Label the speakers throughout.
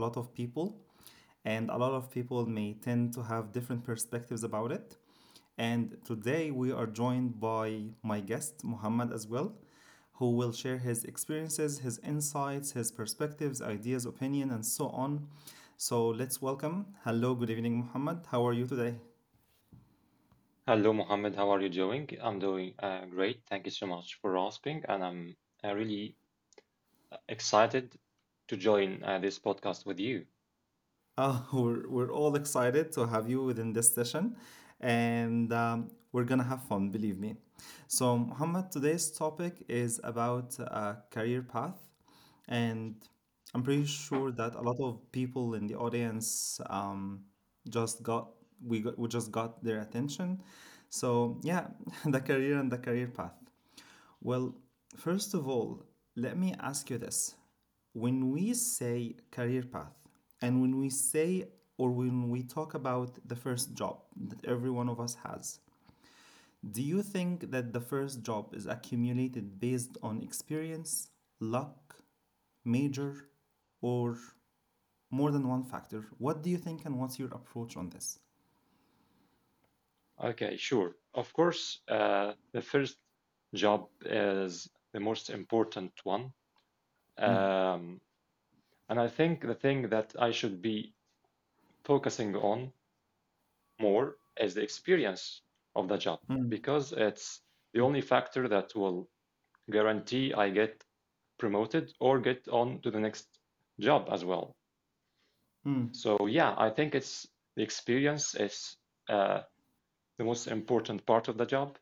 Speaker 1: lot of people. And a lot of people may tend to have different perspectives about it. And today we are joined by my guest, Mohammed, as well, who will share his experiences, his insights, his perspectives, ideas, opinion, and so on. So let's welcome. Hello, good evening, Mohammed. How are you today?
Speaker 2: Hello, Mohammed. How are you doing? I'm doing great. Thank you so much for asking. And I'm really excited to join this podcast with you.
Speaker 1: We're all excited to have you within this session, and we're gonna have fun, believe me. So, Muhammad, today's topic is about career path, and I'm pretty sure that a lot of people in the audience just got we just got their attention. So, yeah, the career and the career path. Well, first of all, let me ask you this. When we say career path, and when we say or when we talk about the first job that every one of us has, do you think that the first job is accumulated based on experience, luck, major, or more than one factor? What do you think, and what's your approach on this?
Speaker 2: Okay, sure. Of course, the first job is the most important one.
Speaker 1: Mm,
Speaker 2: Um, and I think the thing that I should be focusing on more is the experience of the job
Speaker 1: mm,
Speaker 2: because it's the only factor that will guarantee I get promoted or get on to the next job as well.
Speaker 1: mm,
Speaker 2: So yeah, I think it's the experience is uh, the most important part of the job,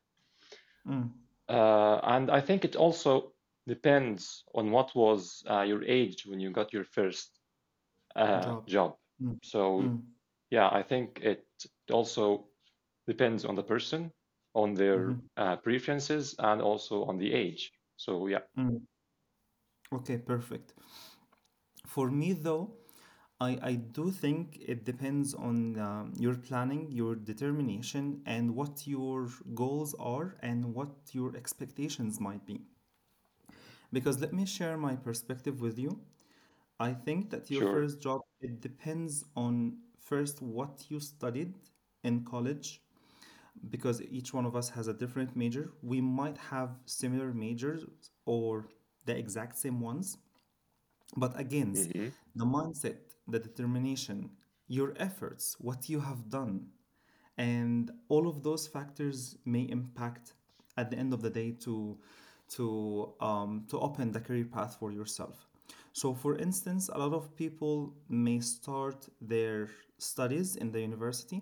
Speaker 1: mm.
Speaker 2: and I think it also depends on what was your age when you got your first
Speaker 1: Job.
Speaker 2: job.
Speaker 1: Mm,
Speaker 2: So
Speaker 1: mm,
Speaker 2: yeah, I think it also depends on the person, on their
Speaker 1: mhm,
Speaker 2: preferences, and also on the age. So yeah,
Speaker 1: mm. Okay, perfect. For me, though, I do think it depends on your planning, your determination, and what your goals are and what your expectations might be. Because let me share my perspective with you. I think that your
Speaker 2: sure.
Speaker 1: first job, it depends on first what you studied in college, because each one of us has a different major. We might have similar majors or the exact same ones, but again,
Speaker 2: Hmm.
Speaker 1: the mindset, the determination, your efforts, what you have done, and all of those factors may impact at the end of the day to open the career path for yourself. So, for instance, a lot of people may start their studies in the university,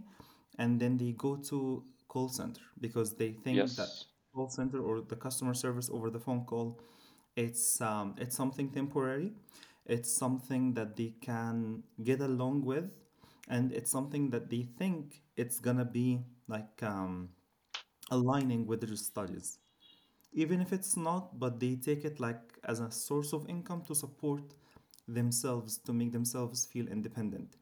Speaker 1: and then they go to call center because they think that
Speaker 2: Yes.
Speaker 1: call center or the customer service over the phone call, it's something temporary. It's something that they can get along with, and it's something that they think it's gonna be like um, aligning with their studies, even if it's not. But they take it like as a source of income to support themselves to make themselves feel independent.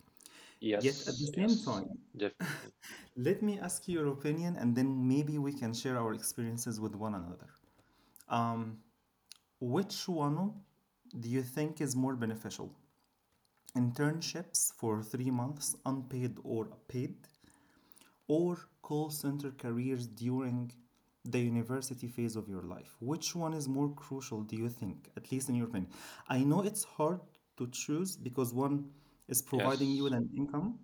Speaker 1: Yet at the
Speaker 2: Yes,
Speaker 1: same
Speaker 2: yes,
Speaker 1: time,
Speaker 2: definitely.
Speaker 1: let me ask you your opinion, and then maybe we can share our experiences with one another. Which one do you think is more beneficial? Internships for 3 months, unpaid or paid, or call center careers during the university phase of your life? Which one is more crucial, do you think, at least in your opinion? I know it's hard to choose because one is providing you
Speaker 2: Yes.
Speaker 1: with an income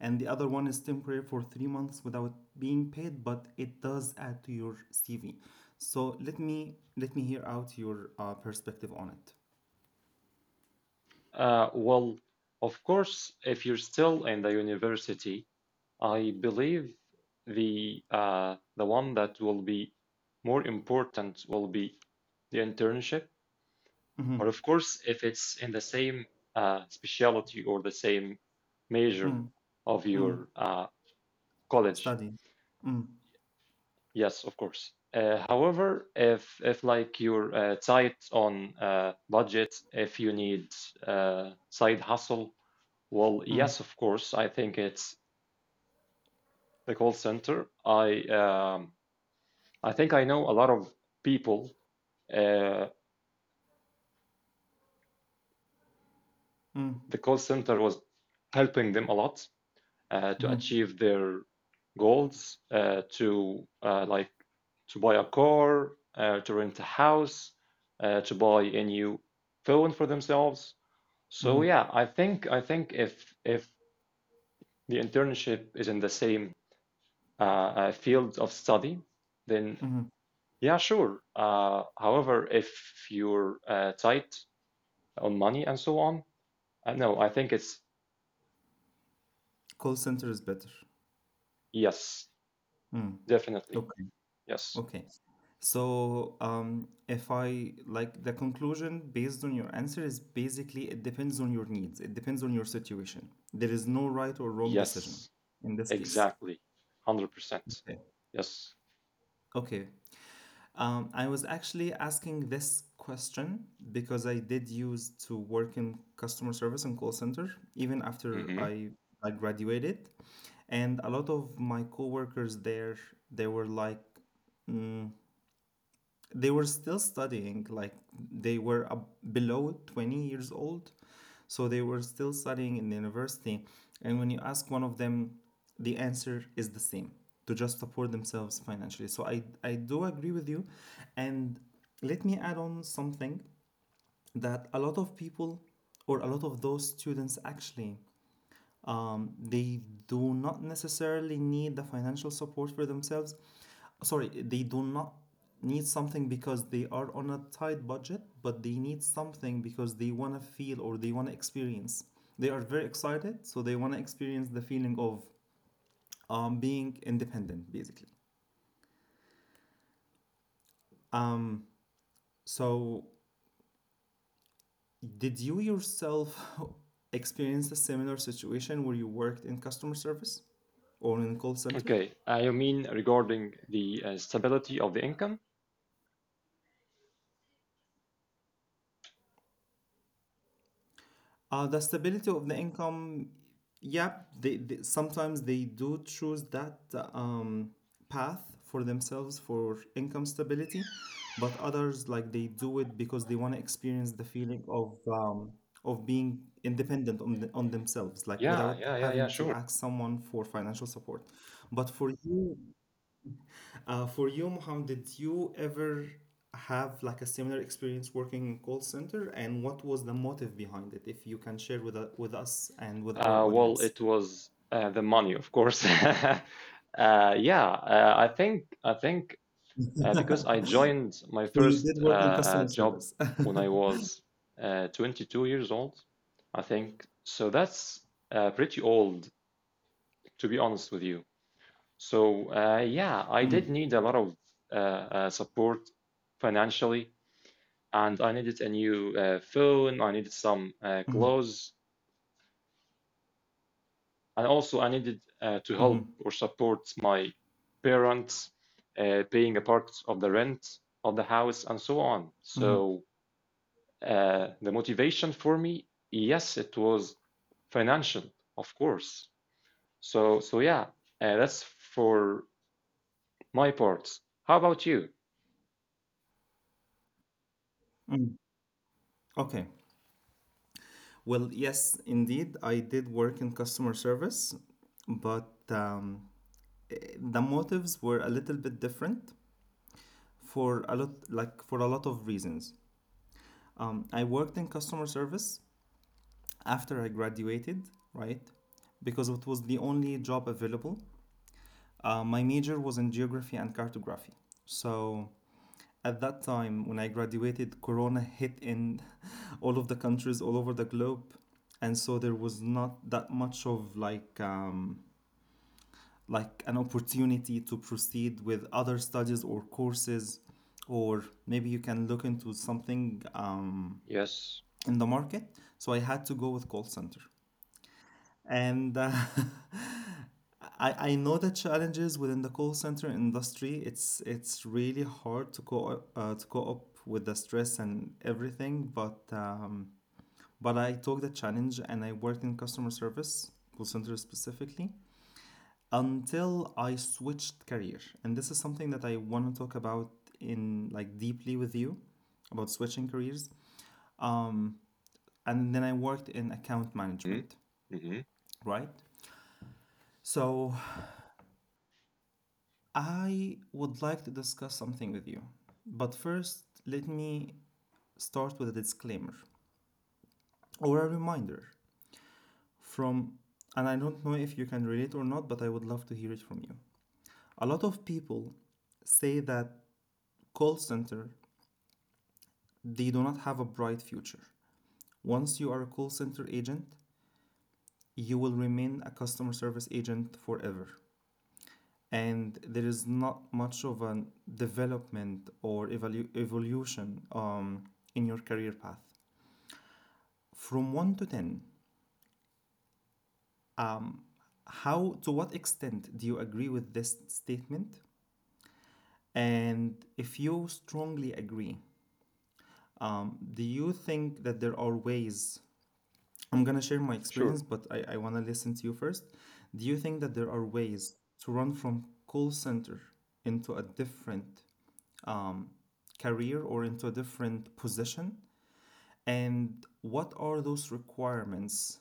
Speaker 1: and the other one is temporary for 3 months without being paid, but it does add to your CV. So let me hear out your perspective on it.
Speaker 2: Well, of course, if you're still in the university, I believe the one that will be more important will be the internship.
Speaker 1: Mm-hmm.
Speaker 2: But of course, if it's in the same specialty or the same major
Speaker 1: Mm,
Speaker 2: of
Speaker 1: mm.
Speaker 2: your college.
Speaker 1: Studies. Mm-hmm.
Speaker 2: Yes, of course. However, if like you're tight on budget, if you need side hustle, well,
Speaker 1: Mm,
Speaker 2: yes, of course. I think it's the call center. I think I know a lot of people. Uh,
Speaker 1: mm,
Speaker 2: the call center was helping them a lot to
Speaker 1: mhm,
Speaker 2: achieve their goals, to like to buy a car, to rent a house, to buy a new phone for themselves. So
Speaker 1: mhm,
Speaker 2: yeah, I think if the internship is in the same field of study, then
Speaker 1: mhm.
Speaker 2: yeah, sure. However, if you're tight on money and so on, no, I think it's
Speaker 1: Call center is better.
Speaker 2: yes,
Speaker 1: Mm,
Speaker 2: definitely,
Speaker 1: okay,
Speaker 2: yes,
Speaker 1: okay. So, if I like the conclusion based on your answer is basically it depends on your needs, it depends on your situation. There is no right or wrong decision
Speaker 2: yes,
Speaker 1: in this case.
Speaker 2: exactly, 100%,
Speaker 1: Okay,
Speaker 2: yes.
Speaker 1: okay. I was actually asking this question because I did use to work in customer service and call center even after
Speaker 2: Hmm.
Speaker 1: I graduated. And a lot of my coworkers there, they were like, they were still studying, like they were ab below 20 years old, so they were still studying in the university. And when you ask one of them, the answer is the same: to just support themselves financially. So I do agree with you, and let me add on something that a lot of people or a lot of those students actually, they do not necessarily need the financial support for themselves. Sorry, they do not need something because they are on a tight budget, but they need something because they want to feel or they want to experience. They are very excited, so they want to experience the feeling of being independent, basically. Um, so, did you yourself experience a similar situation where you worked in customer service or in call center?
Speaker 2: Okay, you mean regarding the stability of the income?
Speaker 1: The stability of the income, yep, they sometimes they do choose that um, path for themselves for income stability, but others like they do it because they want to experience the feeling of of being independent on on themselves, like
Speaker 2: Yeah,
Speaker 1: without
Speaker 2: yeah, yeah, yeah,
Speaker 1: having to
Speaker 2: sure.
Speaker 1: ask someone for financial support. But for you, Mohammed, did you ever have like a similar experience working in call center, and what was the motive behind it? If you can share with with us and with our
Speaker 2: Well,
Speaker 1: audience.
Speaker 2: it was the money, of course. Yeah, I think because I joined my
Speaker 1: So you
Speaker 2: first
Speaker 1: did work in customer
Speaker 2: job
Speaker 1: service.
Speaker 2: when I was 22 years old, I think. So that's pretty old, to be honest with you. So yeah, I did
Speaker 1: Mm,
Speaker 2: need a lot of support financially, and I needed a new phone. I needed some
Speaker 1: mhm,
Speaker 2: clothes, and also I needed to help
Speaker 1: mhm,
Speaker 2: or support my parents paying a part of the rent of the house and so on.
Speaker 1: mhm,
Speaker 2: So the motivation for me, yes, it was financial, of course. So yeah, that's for my part. How about you?
Speaker 1: mm. Okay. Well, yes, indeed, I did work in customer service, but the motives were a little bit different for a lot, like for a lot of reasons. I worked in customer service after I graduated, right? Because it was the only job available. My major was in geography and cartography. So at that time, when I graduated, Corona hit in all of the countries all over the globe, and so there was not that much of an opportunity to proceed with other studies or courses, or maybe you can look into something
Speaker 2: Yes.
Speaker 1: in the market. So I had to go with call center, and, I know the challenges within the call center industry. It's really hard to co up with the stress and everything, but but I took the challenge and I worked in customer service, call center specifically, until I switched career. And this is something that I want to talk about in like deeply with you about switching careers. Um, and then I worked in account
Speaker 2: Mm-hmm.
Speaker 1: management,
Speaker 2: Mm-hmm.
Speaker 1: right? So I would like to discuss something with you. But first, let me start with a disclaimer or a reminder from, and I don't know if you can relate or not, but I would love to hear it from you. A lot of people say that call center, they do not have a bright future. Once you are a call center agent, you will remain a customer service agent forever. And there is not much of a development or evolution in your career path. From 1 to 10, how to what extent do you agree with this statement? And if you strongly agree, do you think that there are ways? I'm going to share my experience,
Speaker 2: Sure.
Speaker 1: but I want to listen to you first. Do you think that there are ways to run from call center into a different um, career or into a different position? And what are those requirements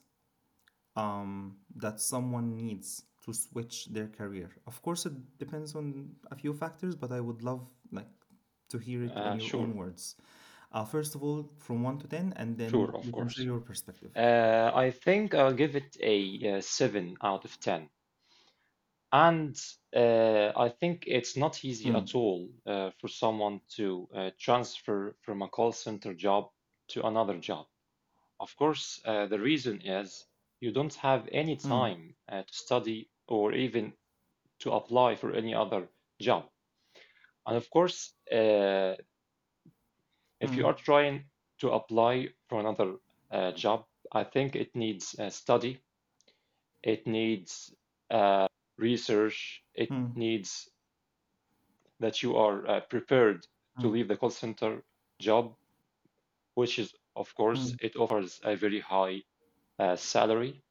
Speaker 1: that someone needs to switch their career? Of course, it depends on a few factors, but I would love to hear it on your own
Speaker 2: Sure.
Speaker 1: words. First of all, from 1 to 10, and then
Speaker 2: Sure. Of
Speaker 1: you can share
Speaker 2: course.
Speaker 1: your perspective.
Speaker 2: I think I'll give it a, seven out of ten. And I think it's not easy
Speaker 1: Mm,
Speaker 2: at all for someone to transfer from a call center job to another job. Of course, the reason is you don't have any
Speaker 1: mm,
Speaker 2: time to study or even to apply for any other job. And of course, if you
Speaker 1: mm,
Speaker 2: are trying to apply for another job, I think it needs study, it needs uh, research, it
Speaker 1: mm,
Speaker 2: needs that you are prepared to
Speaker 1: mm,
Speaker 2: leave the call center job, which is, of course,
Speaker 1: mm,
Speaker 2: it offers a very high salary.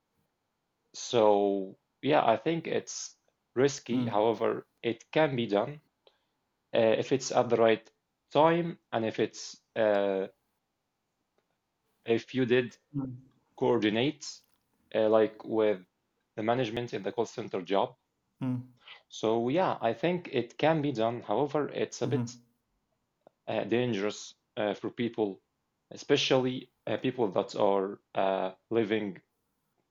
Speaker 2: So, yeah, I think it's risky.
Speaker 1: mm,
Speaker 2: However, it can be done if it's at the right time and if it's if you did
Speaker 1: mm,
Speaker 2: coordinate like with the management in the call center job.
Speaker 1: mm,
Speaker 2: So yeah, I think it can be done. However, it's a bit
Speaker 1: mhm,
Speaker 2: dangerous for people, especially people that are living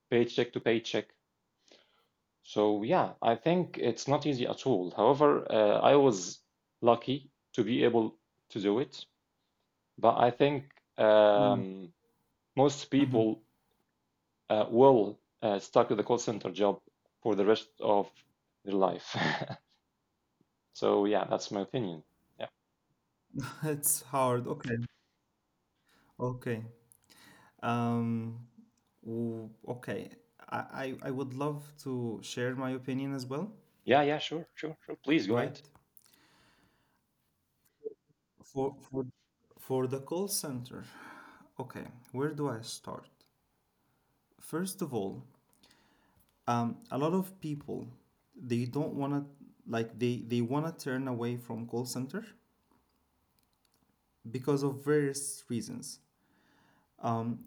Speaker 2: paycheck to paycheck. So yeah, I think it's not easy at all. However, I was lucky to be able to do it, but I think
Speaker 1: mm,
Speaker 2: um, most
Speaker 1: mhm.
Speaker 2: people will stuck with the call center job for the rest of their life. So yeah, that's my opinion. Yeah,
Speaker 1: It's hard. Okay. Okay. Um, okay. I would love to share my opinion as well,
Speaker 2: yeah, yeah. Sure, sure, sure. Please go
Speaker 1: right?
Speaker 2: ahead.
Speaker 1: For, for, for the call center, okay, where do I start? First of all, a lot of people, they don't wanna, like, they wanna turn away from call center because of various reasons.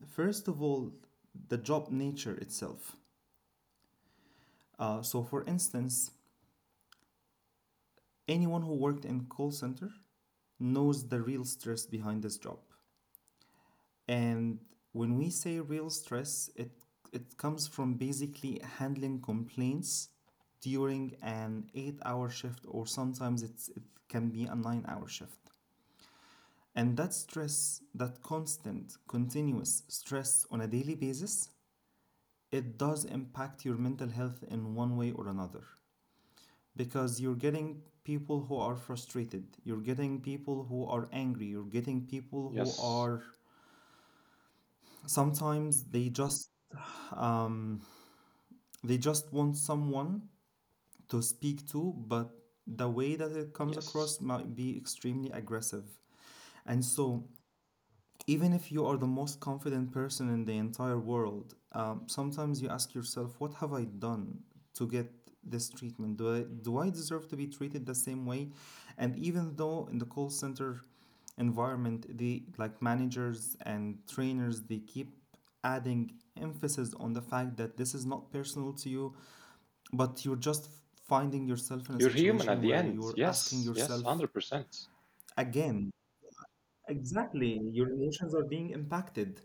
Speaker 1: First of all, the job nature itself. So, for instance, anyone who worked in call center knows the real stress behind this job. And when we say real stress, it comes from basically handling complaints during an 8-hour shift, or sometimes it can be a 9-hour shift. And that stress, that constant, continuous stress on a daily basis, it does impact your mental health in one way or another. Because you're getting people who are frustrated, you're getting people who are angry, you're getting people who
Speaker 2: Yes,
Speaker 1: are sometimes, um, They just want someone to speak to, but the way that it comes
Speaker 2: yes.
Speaker 1: across might be extremely aggressive. And so, even if you are the most confident person in the entire world, sometimes you ask yourself, what have I done to get this treatment? Do I deserve to be treated the same way? And even though in the call center environment, the managers and trainers, they keep adding emphasis on the fact that this is not personal to you, but you're just finding yourself in a
Speaker 2: You're human at
Speaker 1: situation
Speaker 2: the
Speaker 1: where
Speaker 2: end.
Speaker 1: you're asking
Speaker 2: Yes, yes,
Speaker 1: yourself
Speaker 2: 100%.
Speaker 1: again, exactly, your emotions are being impacted.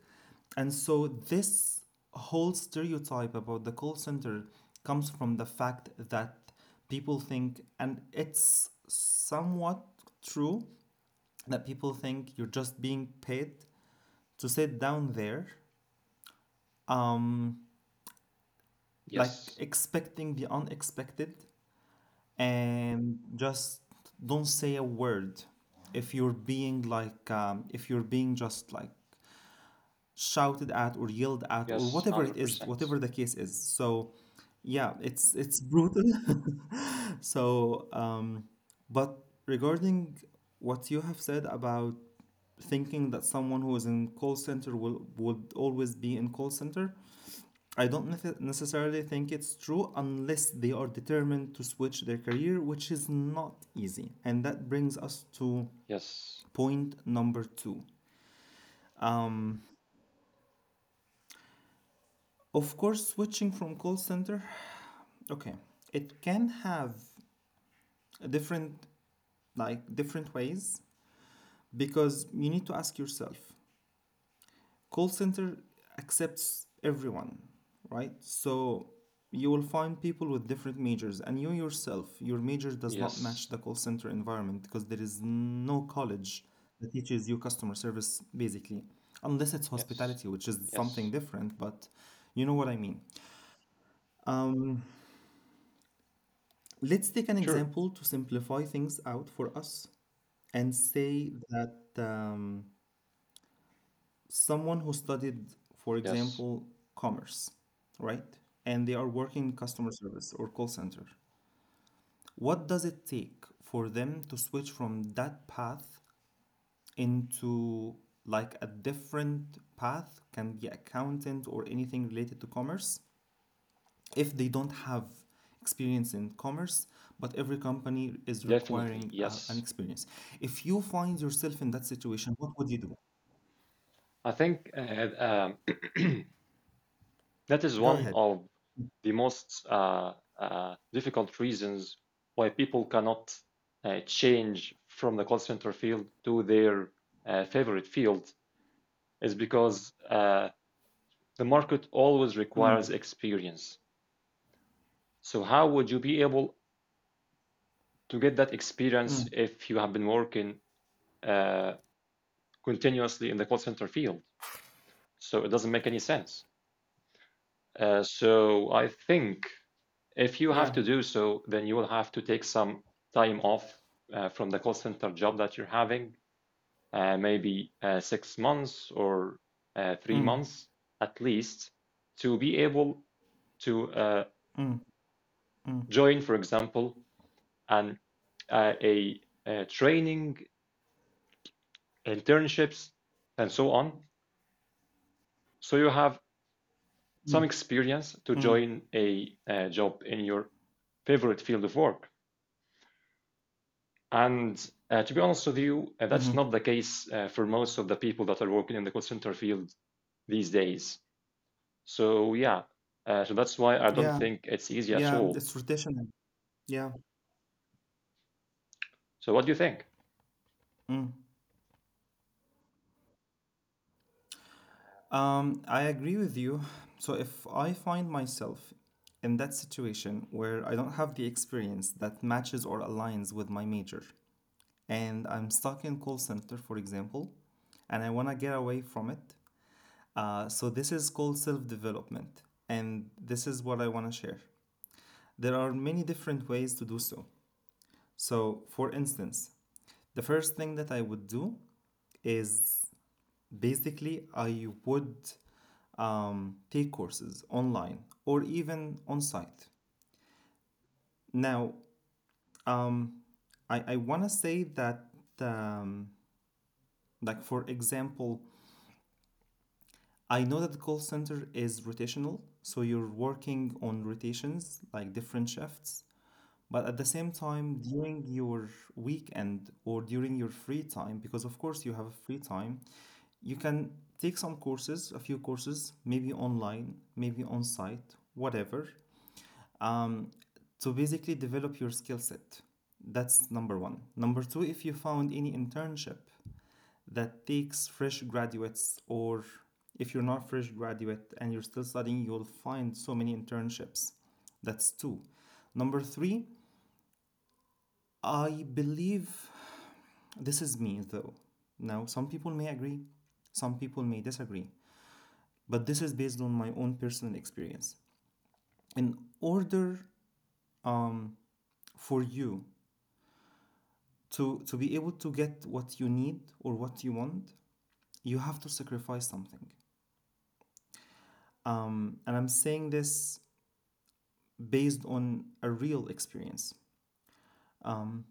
Speaker 1: And so this whole stereotype about the call center comes from the fact that people think, and it's somewhat true, that people think you're just being paid to sit down there, um, like
Speaker 2: Yes,
Speaker 1: expecting the unexpected and just don't say a word if you're being like if you're being just like shouted at or yelled at, or
Speaker 2: yes,
Speaker 1: whatever it is,
Speaker 2: 100%.
Speaker 1: whatever the case is. So yeah, it's brutal. So but regarding what you have said about thinking that someone who is in call center will would always be in call center, I don't necessarily think it's true unless they are determined to switch their career, which is not easy. And that brings us to
Speaker 2: Yes,
Speaker 1: point number two. Um, of course, switching from call center, okay, it can have different like different ways, because you need to ask yourself, call center accepts everyone, right? So you will find people with different majors, and you yourself, your major does not match
Speaker 2: yes,
Speaker 1: the call center environment, because there is no college that teaches you customer service basically, unless it's
Speaker 2: yes,
Speaker 1: hospitality, which is something
Speaker 2: yes.
Speaker 1: different, but you know what I mean. um, let's take an
Speaker 2: Sure,
Speaker 1: example to simplify things out for us, and say that someone who studied, for
Speaker 2: yes,
Speaker 1: example, commerce, right? And they are working in customer service or call center. What does it take for them to switch from that path into like a different path? Can be accountant or anything related to commerce, if they don't have experience in commerce, but every company is
Speaker 2: definitely,
Speaker 1: requiring an
Speaker 2: yes.
Speaker 1: experience. If you find yourself in that situation, what would you do?
Speaker 2: I think um, that is
Speaker 1: Go
Speaker 2: one
Speaker 1: ahead.
Speaker 2: of the most difficult reasons why people cannot change from the call center field to their favorite field is because the market always
Speaker 1: Mm,
Speaker 2: requires experience. So how would you be able to get that
Speaker 1: mm,
Speaker 2: experience if you have been working uh, continuously in the call center field? So it doesn't make any sense. So I think if you have
Speaker 1: yeah.
Speaker 2: to do so, then you will have to take some time off from the call center job that you're having, maybe 6 months or three
Speaker 1: Mm,
Speaker 2: months at least, to be able to
Speaker 1: mm. Mm,
Speaker 2: join, for example, an uh, a, a training internships, and so on. So you have
Speaker 1: mm,
Speaker 2: some experience to
Speaker 1: mm,
Speaker 2: join a, job in your favorite field of work. And to be honest with you, that's
Speaker 1: mhm.
Speaker 2: not the case for most of the people that are working in the call center field these days. So yeah, so that's why I don't
Speaker 1: Yeah,
Speaker 2: think it's easy at
Speaker 1: yeah,
Speaker 2: all.
Speaker 1: it's traditional. Yeah.
Speaker 2: So what do you think?
Speaker 1: I agree with you. So if I find myself in that situation where I don't have the experience that matches or aligns with my major, and I'm stuck in call center, for example, and I want to get away from it, so this is called self-development, and this is what I want to share. There are many different ways to do so. So, for instance, the first thing that I would do is basically I would take courses online or even on site. Now, um, I want to say that, um, like, for example, I know that the call center is rotational, so you're working on rotations, like different shifts. But at the same time, during your weekend or during your free time, because of course you have free time, you can take some courses, a few courses, maybe online, maybe on site, whatever, um, to basically develop your skill set. That's number one. Number two, if you found any internship that takes fresh graduates, or if you're not fresh graduate and you're still studying, you'll find so many internships. That's two. Number three, I believe this is me though. Now, some people may agree, some people may disagree, but this is based on my own personal experience. In order um, for you to be able to get what you need or what you want, you have to sacrifice something. And I'm saying this based on a real experience. Um,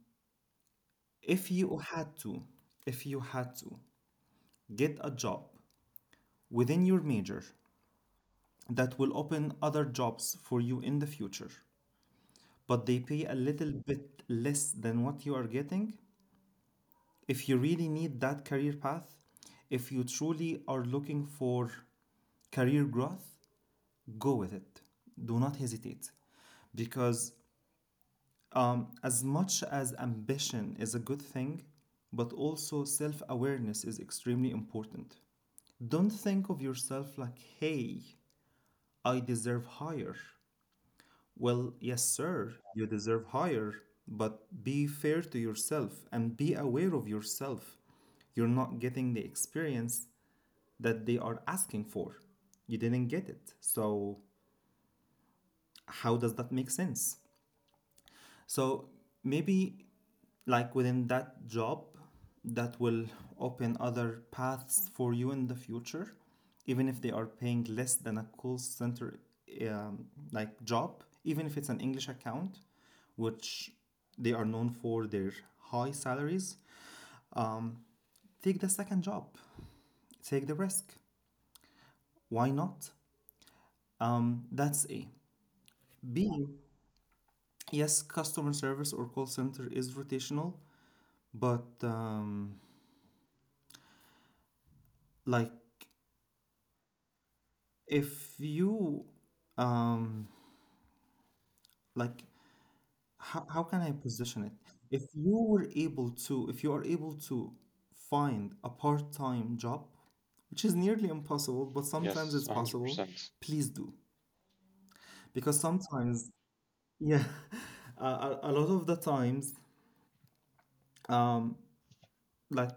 Speaker 1: if you had to, if you had to get a job within your major that will open other jobs for you in the future, but they pay a little bit less than what you are getting, if you really need that career path, if you truly are looking for career growth, go with it. Do not hesitate. Because as much as ambition is a good thing, but also self awareness is extremely important. Don't think of yourself like, hey, I deserve higher. Well, yes, sir, you deserve higher, but be fair to yourself and be aware of yourself. You're not getting the experience that they are asking for. You didn't get it. So, how does that make sense? So, maybe like within that job, that will open other paths for you in the future, even if they are paying less than a call center um, like job, even if it's an English account, which they are known for their high salaries. Um, take the second job, take the risk. Why not? That's A. B. Yes, customer service or call center is rotational, but like if you um, like how can I position it? If you were able to, if you are able to find a part-time job, which is nearly impossible, but sometimes
Speaker 2: Yes,
Speaker 1: it's possible,
Speaker 2: 100%.
Speaker 1: please do. Because sometimes, yeah, a lot of the times like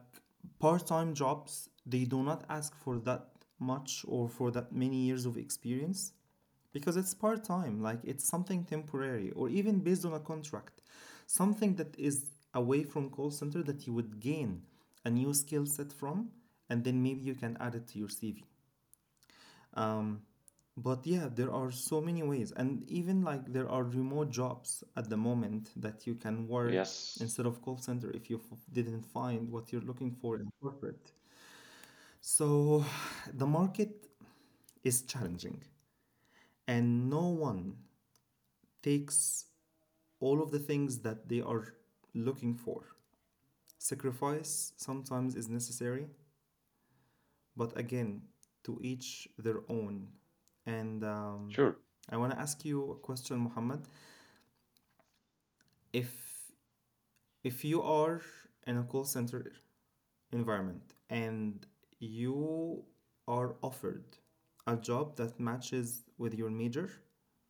Speaker 1: part-time jobs, they do not ask for that much or for that many years of experience, because it's part-time, like it's something temporary or even based on a contract, something that is away from call center that you would gain a new skill set from, and then maybe you can add it to your CV. um, but yeah, there are so many ways. And even like there are remote jobs at the moment that you can work
Speaker 2: Yes,
Speaker 1: instead of call center if you didn't find what you're looking for in corporate. So the market is challenging, and no one takes all of the things that they are looking for. Sacrifice sometimes is necessary, but again, to each their own. And
Speaker 2: sure.
Speaker 1: I want to ask you a question, Muhammad. If if you are in a call center environment and you are offered a job that matches with your major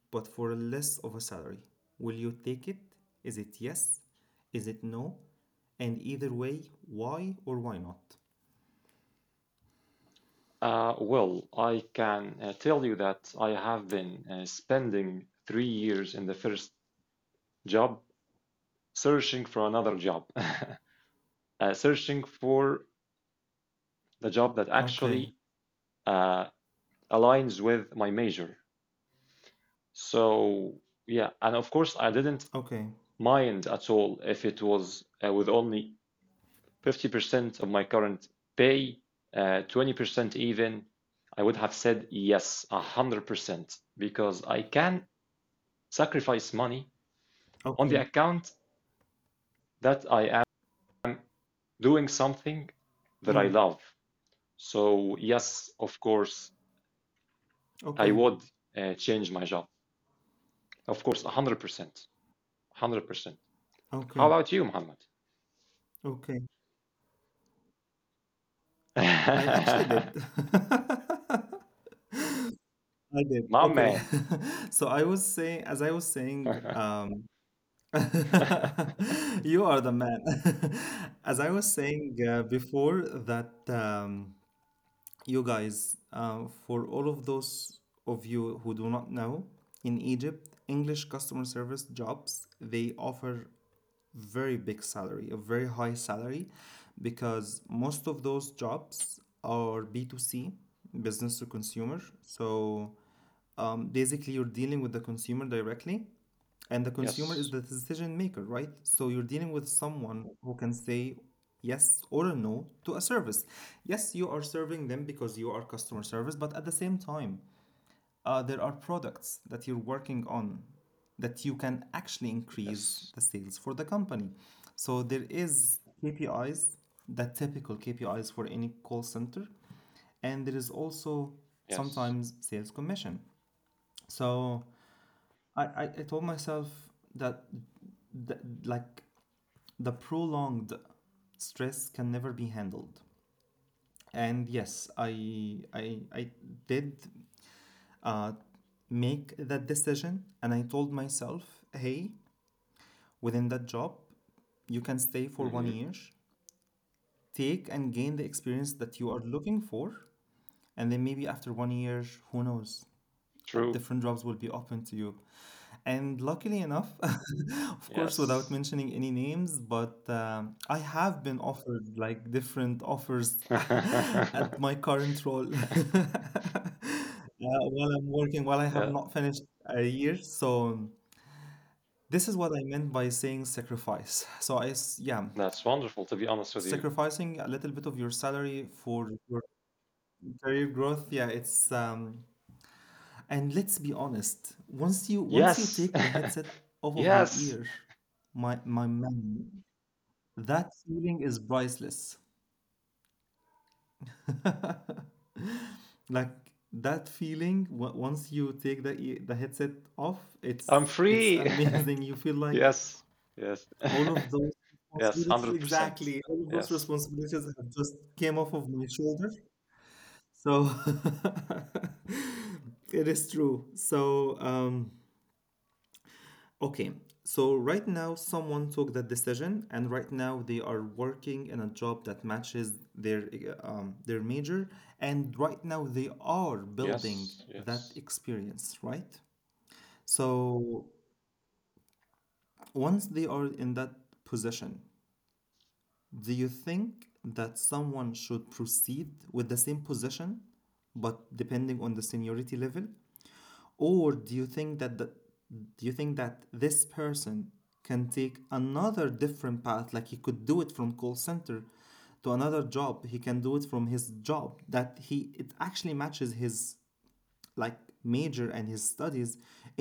Speaker 1: but for less of a salary, will you take it? Is it yes, is it no, and either way, why or why not?
Speaker 2: Well, I can tell you that I have been spending 3 years in the first job searching for another job, searching for the job that
Speaker 1: Okay,
Speaker 2: actually uh, aligns with my major. So, yeah, and of course, I didn't
Speaker 1: okay,
Speaker 2: mind at all if it was with only 50% of my current pay, 20% even, I would have said yes, 100%, because I can sacrifice money on
Speaker 1: okay.
Speaker 2: the account that I am doing something that I
Speaker 1: Mm,
Speaker 2: love. So, yes, of course, I
Speaker 1: okay,
Speaker 2: would change my job. Of course, 100%. 100%. How
Speaker 1: okay,
Speaker 2: about you, Muhammad?
Speaker 1: okay. I actually did. I did.
Speaker 2: My
Speaker 1: Okay.
Speaker 2: man.
Speaker 1: So I was saying, as I was saying, you are the man. As I was saying before, that you guys, for all of those of you who do not know, in Egypt, English customer service jobs, they offer very big salary, a very high salary, because most of those jobs are B2C, business to consumer. So basically you're dealing with the consumer directly, and the consumer is
Speaker 2: Yes,
Speaker 1: the decision maker, right? So you're dealing with someone who can say yes or a no to a service. Yes, you are serving them because you are customer service, but at the same time, there are products that you're working on that you can actually increase
Speaker 2: yes,
Speaker 1: the sales for the company. So there is KPIs, the typical KPIs for any call center, and there is also
Speaker 2: yes.
Speaker 1: sometimes sales commission. So I told myself that, that like the prolonged stress can never be handled, and yes, I did uh, make that decision, and I told myself, hey, within that job you can stay for one
Speaker 2: Hmm.
Speaker 1: year, take and gain the experience that you are looking for, and then maybe after one year, who knows,
Speaker 2: True.
Speaker 1: different jobs will be open to you. And luckily enough, of course, without
Speaker 2: Yes.
Speaker 1: mentioning any names, but I have been offered like different offers at my current role. While I'm working, while I have
Speaker 2: Yeah,
Speaker 1: not finished a year. So this is what I meant by saying sacrifice. So yeah,
Speaker 2: that's wonderful, to be honest with you.
Speaker 1: sacrificing a little bit of your salary for your career growth. Yeah, it's and let's be honest, once you
Speaker 2: Yes.
Speaker 1: take the headset off of your
Speaker 2: Yes.
Speaker 1: ear, my man, that feeling is priceless. Like that feeling, once you take the headset off, it's
Speaker 2: I'm
Speaker 1: it's
Speaker 2: free.
Speaker 1: amazing. You feel like
Speaker 2: Yes. Yes.
Speaker 1: all of those
Speaker 2: Yes.
Speaker 1: responsibilities,
Speaker 2: 100%.
Speaker 1: exactly, all of those
Speaker 2: Yes.
Speaker 1: responsibilities have just came off of my shoulder. So it is true. So okay, so right now someone took that decision, and right now they are working in a job that matches their major, and right now they are building
Speaker 2: Yes.
Speaker 1: that
Speaker 2: Yes.
Speaker 1: experience, right? So once they are in that position, do you think that someone should proceed with the same position, but depending on the seniority level? Or do you think that do you think that this person can take another different path, like he could do it from call center to another job, he can do it from his job that he it actually matches his like major and his studies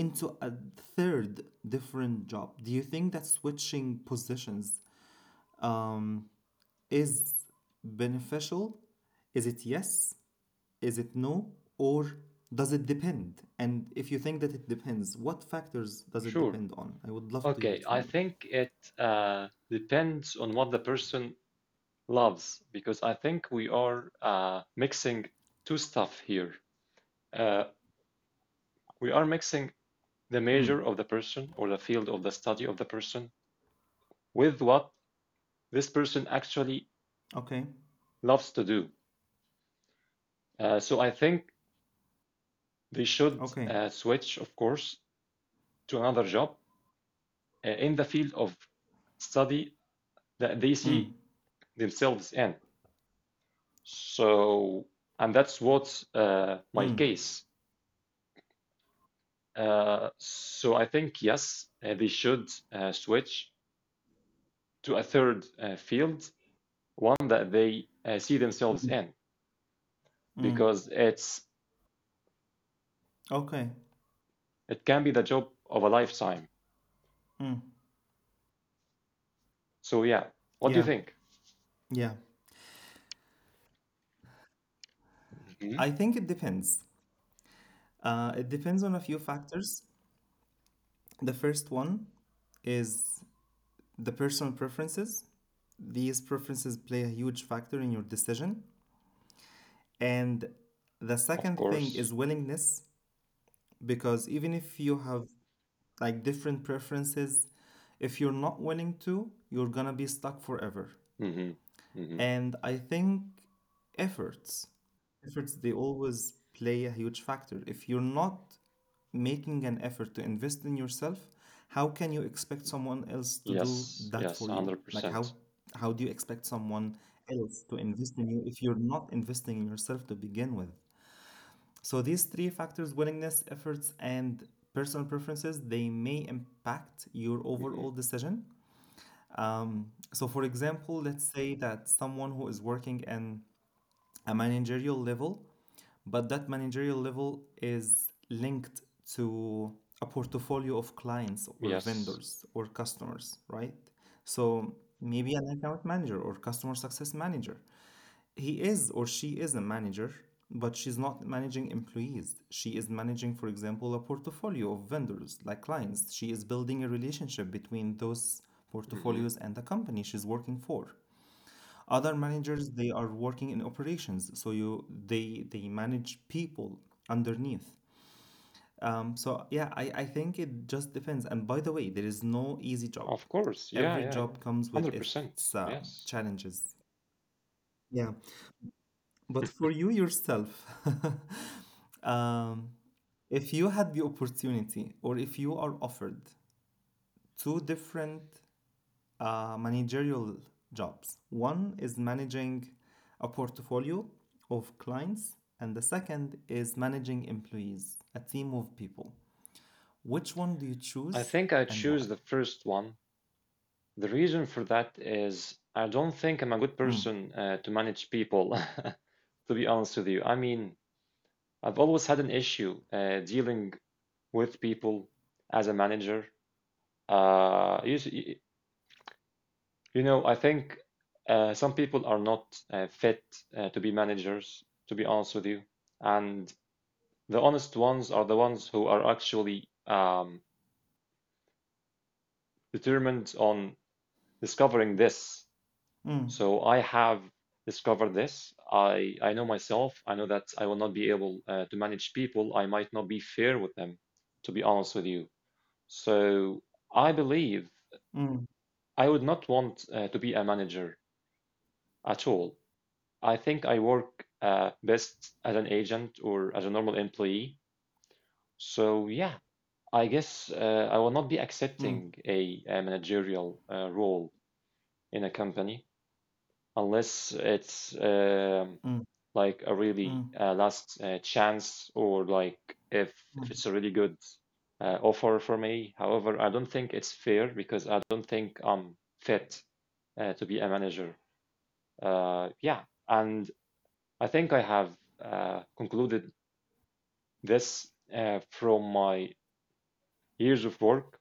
Speaker 1: into a third different job? Do you think that switching positions um, is beneficial? Is it yes, is it no, or does it depend? And if you think that it depends, what factors does it
Speaker 2: Sure.
Speaker 1: depend on? I would love to hear
Speaker 2: Okay.
Speaker 1: it from
Speaker 2: I
Speaker 1: you.
Speaker 2: think it depends on what the person loves because I think we are mixing two stuff here. Uh, we are mixing the
Speaker 1: Hmm.
Speaker 2: major of the person or the field of the study of the person with what this person actually
Speaker 1: Okay.
Speaker 2: loves to do. So I think they should
Speaker 1: Okay.
Speaker 2: switch, of course, to another job in the field of study that they
Speaker 1: Mm.
Speaker 2: see themselves in. So, and that's what my
Speaker 1: Mm.
Speaker 2: case. So I think, yes, they should switch to a third field, one that they see themselves
Speaker 1: Mm.
Speaker 2: in,
Speaker 1: Mm.
Speaker 2: because
Speaker 1: Okay.
Speaker 2: it can be the job of a lifetime.
Speaker 1: Mm.
Speaker 2: So yeah, what do you
Speaker 1: Yeah.
Speaker 2: think?
Speaker 1: Yeah. I think it depends. It depends on a few factors. The first one is the personal preferences. These preferences play a huge factor in your decision. And the
Speaker 2: Of
Speaker 1: second thing
Speaker 2: course.
Speaker 1: is willingness, because even if you have like different preferences, if you're not willing to, you're gonna be stuck forever.
Speaker 2: Hmm. Hmm.
Speaker 1: And I think efforts efforts they always play a huge factor. If you're not making an effort to invest in yourself, how can you expect someone else to do
Speaker 2: Yes.
Speaker 1: that
Speaker 2: Yes.
Speaker 1: for you?
Speaker 2: Hundred
Speaker 1: Like how
Speaker 2: percent.
Speaker 1: how do you expect someone else to invest in you if you're not investing in yourself to begin with? So these three factors, willingness, efforts, and personal preferences, they may impact your
Speaker 2: Hmm.
Speaker 1: overall decision. So for example, let's say that someone who is working in a managerial level, but that managerial level is linked to a portfolio of clients or
Speaker 2: Yes.
Speaker 1: vendors or customers, right? So maybe an account manager or customer success manager, he is or she is a manager, but she's not managing employees. She is managing, for example, a portfolio of vendors, like clients. She is building a relationship between those
Speaker 2: Hmm.
Speaker 1: portfolios and the company she's working for. Other managers, they are working in operations, so you they manage people underneath. So yeah, I think it just depends. And by the way, there is no easy job.
Speaker 2: Of course. Yeah.
Speaker 1: Every
Speaker 2: Yeah. Yeah.
Speaker 1: job comes with
Speaker 2: Hundred
Speaker 1: its
Speaker 2: percent. Yes.
Speaker 1: challenges. Yeah. But for you yourself, um, if you had the opportunity or if you are offered two different managerial jobs, one is managing a portfolio of clients, and the second is managing employees, a team of people. Which one do you
Speaker 2: I
Speaker 1: choose
Speaker 2: think I
Speaker 1: and why?
Speaker 2: choose the first one. The reason for that is I don't think I'm a good
Speaker 1: Mm,
Speaker 2: person to manage people. To be honest with you, I mean, I've always had an issue dealing with people as a manager. Uh, you, s- y- You know, I think some people are not fit to be managers, to be honest with you. And the honest ones are the ones who are actually determined on discovering this.
Speaker 1: mm,
Speaker 2: So I have discovered this. I know myself. I know that I will not be able to manage people. I might not be fair with them, to be honest with you. So I believe
Speaker 1: mm,
Speaker 2: I would not want to be a manager at all. I think I work best as an agent or as a normal employee. So yeah, I guess I will not be
Speaker 1: mm,
Speaker 2: accepting a managerial role in a company unless it's
Speaker 1: mm,
Speaker 2: like a really
Speaker 1: mm,
Speaker 2: last chance or like if
Speaker 1: mm, mm,
Speaker 2: it's a really good offer for me. However, I don't think it's fair because I don't think I'm fit to be a manager. Yeah, and I think I have concluded this from my years of work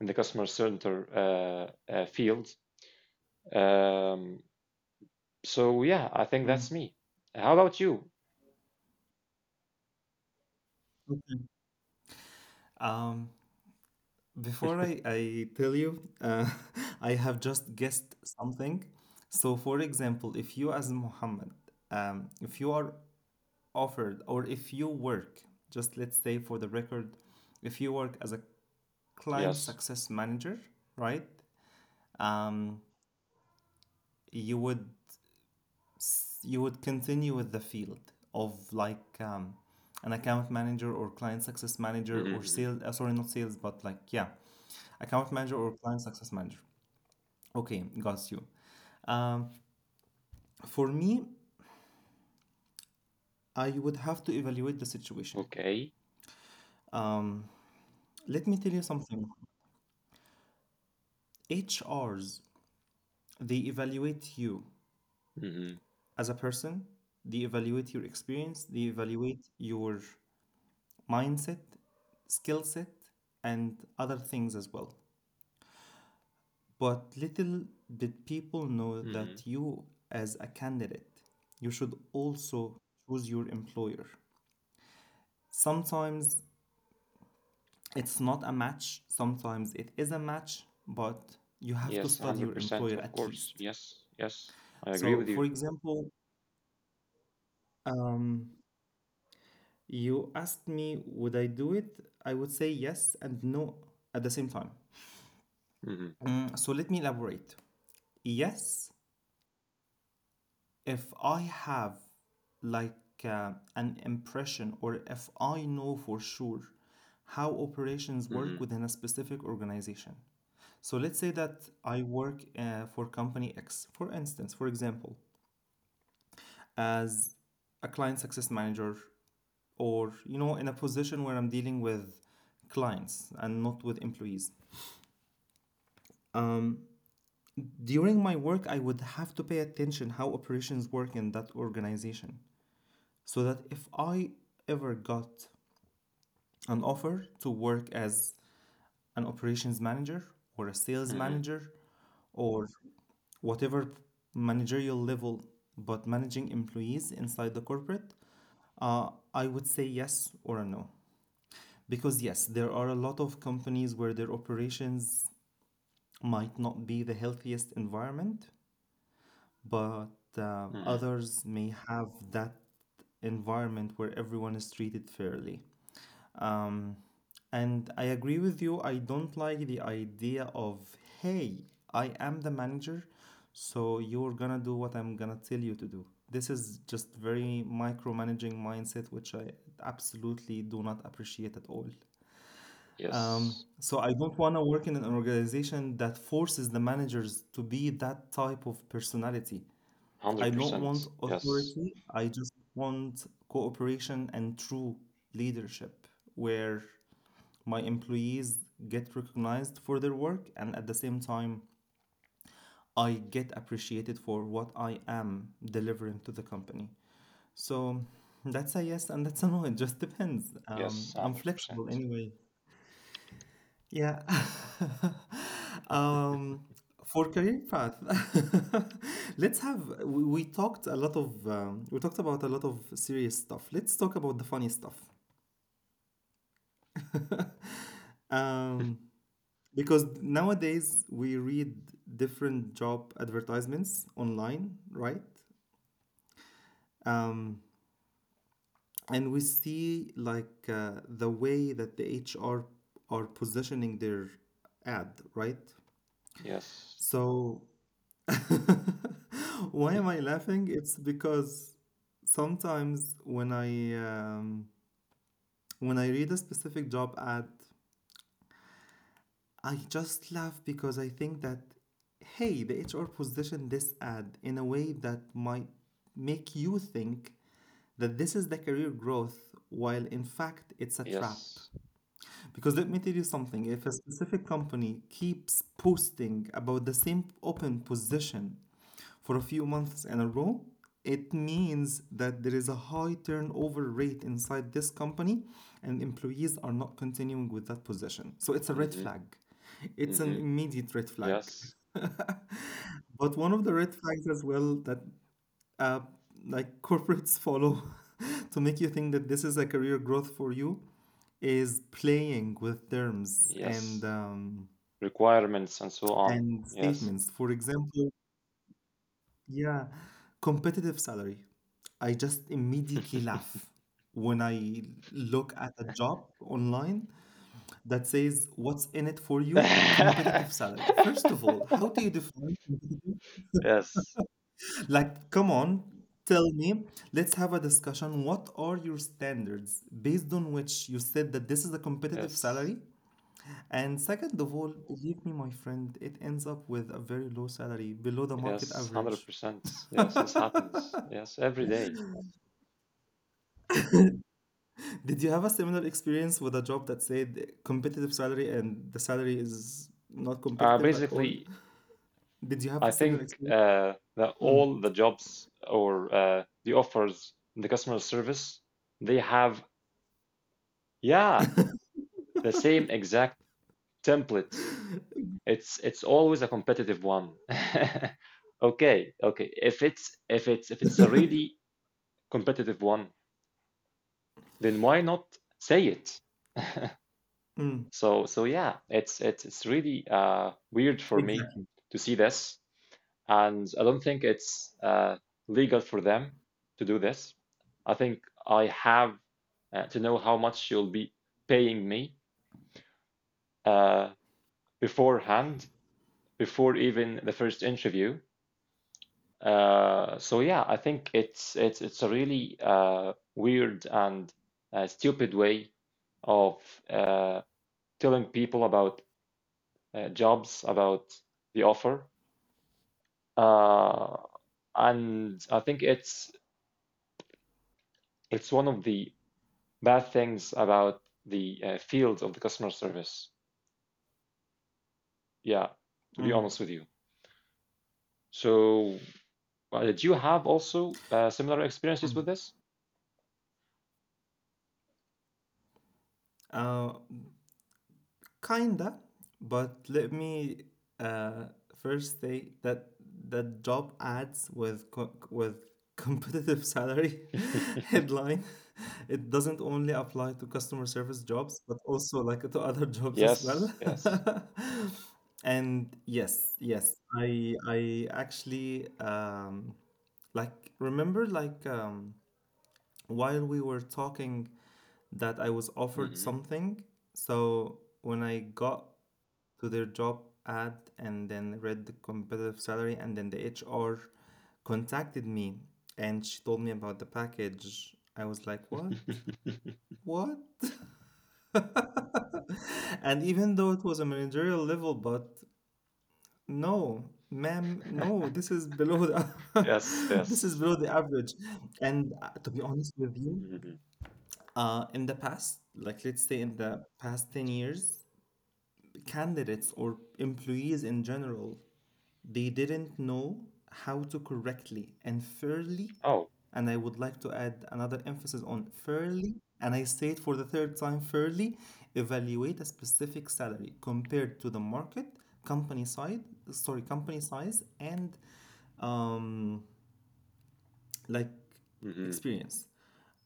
Speaker 2: in the customer center field. Um, so yeah, I think
Speaker 1: mm.
Speaker 2: that's me. How about you?
Speaker 1: Okay. Um, Before I tell you, I have just guessed something. So, for example, if you, as Muhammad, if you are offered or if you work, just let's say for the record, if you work as a client
Speaker 2: Yes.
Speaker 1: success manager, right? Um, you would you would continue with the field of like an account manager or client success manager or
Speaker 2: Hmm.
Speaker 1: sales. Sorry, not sales, but like yeah, account manager or client success manager. Okay, got you. Um, for me, I would have to evaluate the situation.
Speaker 2: Okay.
Speaker 1: Um, let me tell you something. HRs, they evaluate you
Speaker 2: Hmm.
Speaker 1: as a person, they evaluate your experience, they evaluate your mindset, skill set, and other things as well. But little did people know that
Speaker 2: Hmm.
Speaker 1: you, as a candidate, you should also choose your employer. Sometimes it's not a match. Sometimes it is a match, but you have to
Speaker 2: Yes,
Speaker 1: study your
Speaker 2: 100%,
Speaker 1: employer
Speaker 2: of
Speaker 1: at
Speaker 2: course.
Speaker 1: least.
Speaker 2: Yes, yes, I agree
Speaker 1: So,
Speaker 2: with
Speaker 1: for
Speaker 2: you.
Speaker 1: example, um, you asked me, would I do it? I would say yes and no at the same time.
Speaker 2: Hmm.
Speaker 1: Let me elaborate. Yes, if I have like an impression or if I know for sure how operations work
Speaker 2: Hmm.
Speaker 1: within a specific organization. So let's say that I work for company X, for instance, for example, as a client success manager, or you know, in a position where I'm dealing with clients and not with employees. um, During my work, I would have to pay attention how operations work in that organization, so that if I ever got an offer to work as an operations manager or a sales
Speaker 2: Hmm.
Speaker 1: manager or whatever managerial level, but managing employees inside the corporate, uh, I would say yes or a no. Because, yes, there are a lot of companies where their operations might not be the healthiest environment, but
Speaker 2: Hmm.
Speaker 1: others may have that environment where everyone is treated fairly. Um, and I agree with you. I don't like the idea of, hey, I am the manager, so you're gonna do what I'm gonna tell you to do. This is just very micromanaging mindset, which I absolutely do not appreciate at all. Um,
Speaker 2: Yes,
Speaker 1: so I don't want to work in an organization that forces the managers to be that type of personality. I don't want
Speaker 2: 100%. Yes,
Speaker 1: authority. I just want cooperation and true leadership where my employees get recognized for their work, and at the same time I get appreciated for what I am delivering to the company. So that's a yes and that's a no. It just depends.
Speaker 2: yes,
Speaker 1: I'm flexible
Speaker 2: 100%.
Speaker 1: anyway. Yeah. um, for career path, let's have we talked a lot of we talked about a lot of serious stuff. Let's talk about the funny stuff. um Because nowadays we read different job advertisements online, right? Um, and we see like the way that the HR are positioning their ad, right?
Speaker 2: Yes,
Speaker 1: So why am I laughing? It's because sometimes when I read a specific job ad, I just laugh because I think that, hey, the HR positioned this ad in a way that might make you think that this is the career growth, while in fact, it's a trap.
Speaker 2: yes.
Speaker 1: Because let me tell you something, if a specific company keeps posting about the same open position for a few months in a row, it means that there is a high turnover rate inside this company and employees are not continuing with that position. So it's a red
Speaker 2: Hmm.
Speaker 1: flag. It's an
Speaker 2: Hmm.
Speaker 1: immediate red flag.
Speaker 2: Yes,
Speaker 1: But one of the red flags as well that uh, like corporates follow to make you think that this is a career growth for you is playing with terms
Speaker 2: yes. Requirements and so on.
Speaker 1: and
Speaker 2: Yes.
Speaker 1: statements. For example, yeah, competitive salary. I just immediately laugh when I look at a job online that says what's in it for you?
Speaker 2: Yes.
Speaker 1: Competitive salary. First of all, how do you define? Like, come on, tell me. Let's have a discussion. What are your standards based on which you said that this is a competitive
Speaker 2: Yes.
Speaker 1: salary? And second of all, believe me, my friend, it ends up with a very low salary, below the market
Speaker 2: Yes. one Hundred
Speaker 1: average.
Speaker 2: percent. Yes, this happens. Yes, every day.
Speaker 1: Did you have a similar experience with a job that said competitive salary and the salary is not competitive at all?
Speaker 2: Basically,
Speaker 1: Did you have
Speaker 2: I
Speaker 1: a similar
Speaker 2: think
Speaker 1: experience?
Speaker 2: that
Speaker 1: Mm.
Speaker 2: all the jobs or the offers in the customer service, they have yeah the same exact template. It's always a competitive one. Okay, okay. If it's if it's a really competitive one, then why not say it?
Speaker 1: Mm.
Speaker 2: So yeah, it's really weird for me
Speaker 1: Exactly.
Speaker 2: to see this, and I don't think it's legal for them to do this. I think I have to know how much you'll be paying me uh, beforehand, before even the first interview. So yeah, I think it's a really weird and stupid way of uh, telling people about jobs, about the offer. Uh, and I think it's one of the bad things about the field of the customer service. Yeah, to be
Speaker 1: Mm.
Speaker 2: honest with you. So, did you have also similar experiences
Speaker 1: Mm.
Speaker 2: with this?
Speaker 1: Uh, Kinda, but let me uh, first say that the job ads with with competitive salary headline. It doesn't only apply to customer service jobs, but also like to other jobs as
Speaker 2: Yes,
Speaker 1: well.
Speaker 2: yes.
Speaker 1: And yes, yes, I actually like remember like while we were talking that I was offered
Speaker 2: Hmm.
Speaker 1: something. So when I got to their job ad and then read the competitive salary and then the HR contacted me and she told me about the package. I was like, "What? What?" And even though it was a managerial level, but no, ma'am, no, this is below the
Speaker 2: Yes,
Speaker 1: this is
Speaker 2: yes.
Speaker 1: below the average. And to be honest with you,
Speaker 2: Hmm.
Speaker 1: in the past, like let's say in the past 10 years, candidates or employees in general, they didn't know how to correctly and fairly,
Speaker 2: Oh,
Speaker 1: and I would like to add another emphasis on fairly, and I say it for the third time fairly, evaluate a specific salary compared to the market, company side, sorry, company size, and um, like
Speaker 2: hmm.
Speaker 1: experience.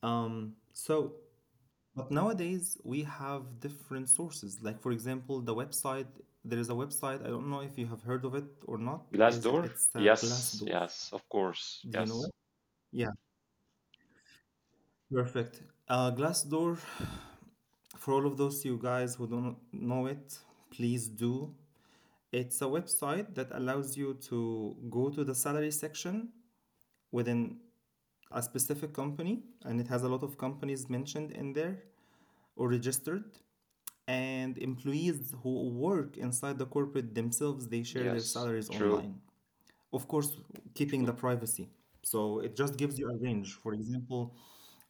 Speaker 1: So but nowadays we have different sources. Like for example, the website. There is a website. I don't know if you have heard of it or not.
Speaker 2: Glass
Speaker 1: Is it-
Speaker 2: door?
Speaker 1: it's uh,
Speaker 2: Yes,
Speaker 1: Glassdoor?
Speaker 2: yes, of course.
Speaker 1: Do you know
Speaker 2: Yes,
Speaker 1: it? Yeah, perfect. Glassdoor. For all of those you guys who don't know it, please do. It's a website that allows you to go to the salary section within a specific company, and it has a lot of companies mentioned in there or registered, and employees who work inside the corporate themselves, they share their
Speaker 2: yes,
Speaker 1: salaries
Speaker 2: true.
Speaker 1: online, of course keeping the
Speaker 2: True.
Speaker 1: privacy, so it just gives you a range. For example,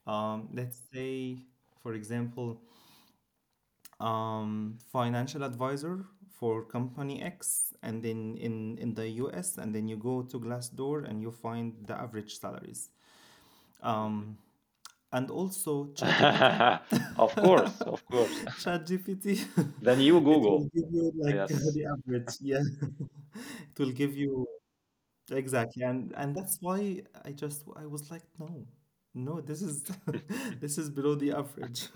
Speaker 1: let's say for example, financial advisor for company X, and then in the US, and then you go to Glassdoor and you find the average salaries.
Speaker 2: Mhm.
Speaker 1: um, and also ChatGPT.
Speaker 2: Of course, of course.
Speaker 1: ChatGPT,
Speaker 2: Then you
Speaker 1: it will
Speaker 2: Google.
Speaker 1: give you like
Speaker 2: Yes,
Speaker 1: the average. Yeah, it will give you exactly, and that's why I just I was like, no, no, this is this is below the average.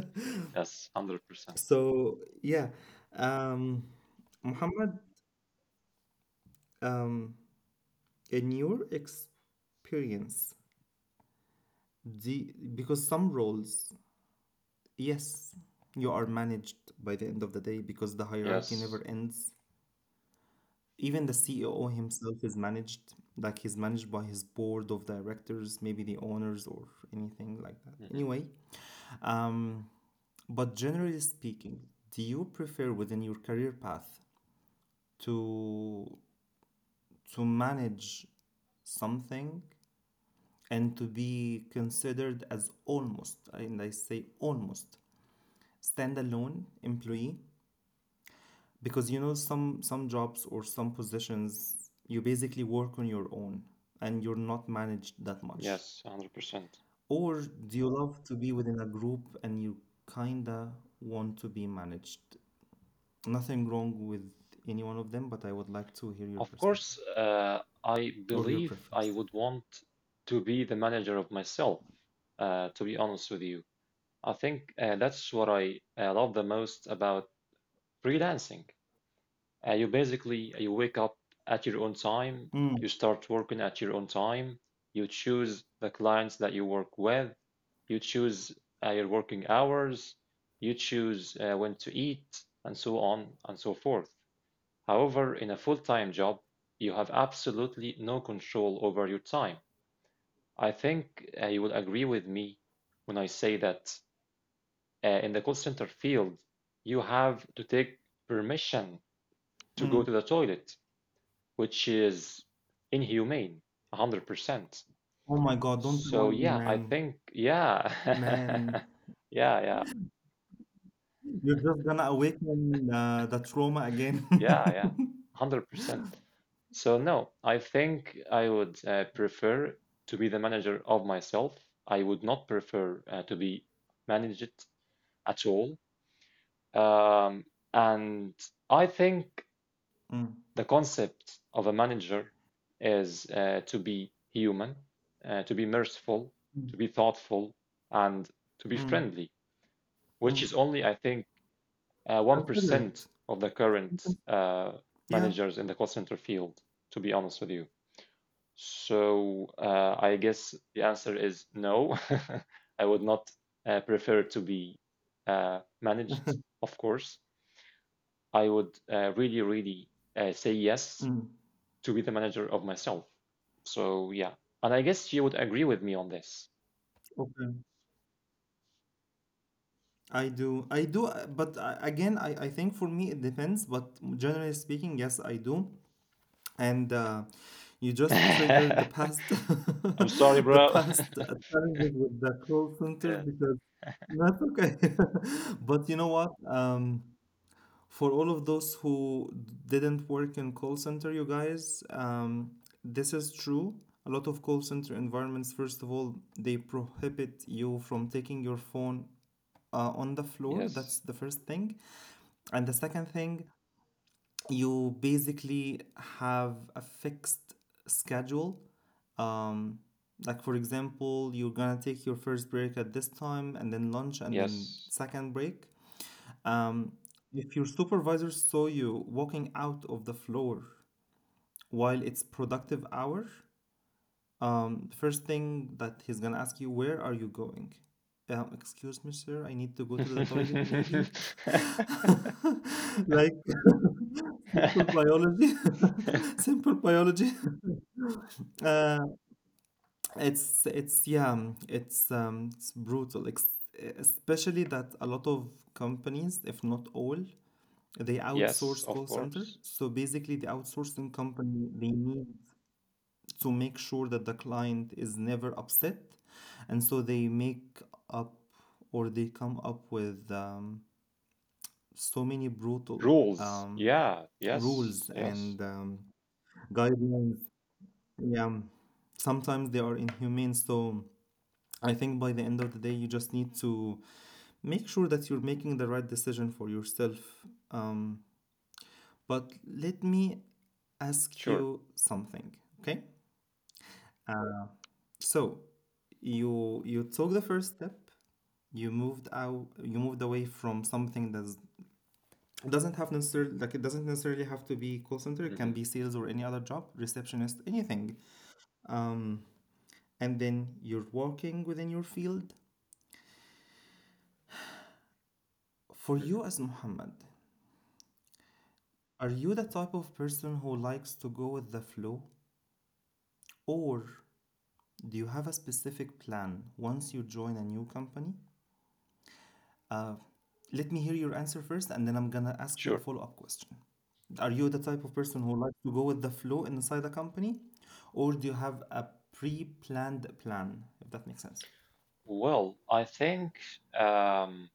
Speaker 2: yes, 100%.
Speaker 1: So yeah, um, Muhammad, um, in your experience, the because some roles, yes, you are managed by the end of the day because the hierarchy
Speaker 2: Yes.
Speaker 1: never ends. Even the CEO himself is managed, like he's managed by his board of directors, maybe the owners or anything like that.
Speaker 2: Mhm.
Speaker 1: Anyway, um, but generally speaking, do you prefer within your career path to manage something and to be considered as almost, and I say almost, standalone employee? Because you know some jobs or some positions, you basically work on your own and you're not managed that much.
Speaker 2: Yes, 100%.
Speaker 1: Or do you love to be within a group and you kinda want to be managed? Nothing wrong with any one of them, but I would like to hear your
Speaker 2: Of course,
Speaker 1: perspective
Speaker 2: I
Speaker 1: or your
Speaker 2: believe I
Speaker 1: preference.
Speaker 2: would want to be the manager of myself, to be honest with you. I think that's what I love the most about freelancing. You basically you wake up at your own time,
Speaker 1: Mm,
Speaker 2: you start working at your own time, you choose the clients that you work with, you choose your working hours, you choose when to eat, and so on and so forth. However, in a full-time job, you have absolutely no control over your time. I think you will agree with me when I say that in the call center field, you have to take permission to go
Speaker 1: mm.
Speaker 2: to the toilet which is inhumane, 100%.
Speaker 1: Oh my God, don't
Speaker 2: So
Speaker 1: remind me,
Speaker 2: yeah, I
Speaker 1: man.
Speaker 2: think
Speaker 1: Man,
Speaker 2: yeah. Yeah, yeah.
Speaker 1: you're just gonna awaken the trauma again.
Speaker 2: Yeah, yeah. 100%. So no, I think I would prefer to be the manager of myself. I would not prefer to be managed at all. Um, and I think
Speaker 1: Mm.
Speaker 2: the concept of a manager is to be human, to be merciful, to be thoughtful, and to be
Speaker 1: Mm.
Speaker 2: friendly, which
Speaker 1: Mm.
Speaker 2: is only, I think, 1%
Speaker 1: Considerate.
Speaker 2: of the
Speaker 1: You
Speaker 2: current
Speaker 1: Yeah.
Speaker 2: managers in the call center field, to be honest with you. So I guess the answer is no. I would not prefer to be managed, of course. I would really, really say yes
Speaker 1: Mm.
Speaker 2: to be the manager of myself. So yeah, and I guess you would agree with me on this.
Speaker 1: Okay. I do. I do. But again, I think for me it depends. But generally speaking, yes, I do. And you just triggered the
Speaker 2: I'm
Speaker 1: past
Speaker 2: sorry,
Speaker 1: the
Speaker 2: bro.
Speaker 1: past challenges with the call center
Speaker 2: Yeah.
Speaker 1: because that's okay. But you know what, for all of those who didn't work in call center, you guys, this is true. A lot of call center environments, first of all, they prohibit you from taking your phone on the floor.
Speaker 2: Yes,
Speaker 1: That's the first thing. And the second thing, you basically have a fixed schedule. Um, like for example, you're gonna take your first break at this time, and then lunch, and then
Speaker 2: yes,
Speaker 1: second break. Um, if your supervisor saw you walking out of the floor while it's productive hour, the first thing that he's gonna ask you, where are you going? Excuse me, sir, I need to go to the toilet, maybe. Like simple biology. Simple biology. Uh, it's yeah, it's brutal. Ex especially that a lot of companies, if not all, they
Speaker 2: yes,
Speaker 1: outsource
Speaker 2: of
Speaker 1: call center.
Speaker 2: course.
Speaker 1: So basically, the outsourcing company, they need to make sure that the client is never upset, and so they make up, or they come up with so many brutal
Speaker 2: Rules. Yeah, yes,
Speaker 1: rules
Speaker 2: yes,
Speaker 1: and guidelines. Yeah, sometimes they are inhumane. So I think by the end of the day, you just need to make sure that you're making the right decision for yourself. Um, but let me ask
Speaker 2: sure.
Speaker 1: you something, okay? So you took the first step. You moved out. You moved away from something that's doesn't have necessarily, like, it doesn't necessarily have to be call center. It can
Speaker 2: Hmm.
Speaker 1: be sales or any other job, receptionist, anything, um, and then you're working within your field. For
Speaker 2: Hmm.
Speaker 1: you as Muhammad, are you the type of person who likes to go with the flow? Or do you have a specific plan once you join a new company? Uh, let me hear your answer first, and then I'm gonna ask you a
Speaker 2: Sure.
Speaker 1: follow up question. Are you the type of person who likes to go with the flow inside a company? Or do you have a pre planned plan, if that makes sense?
Speaker 2: Well, I think um,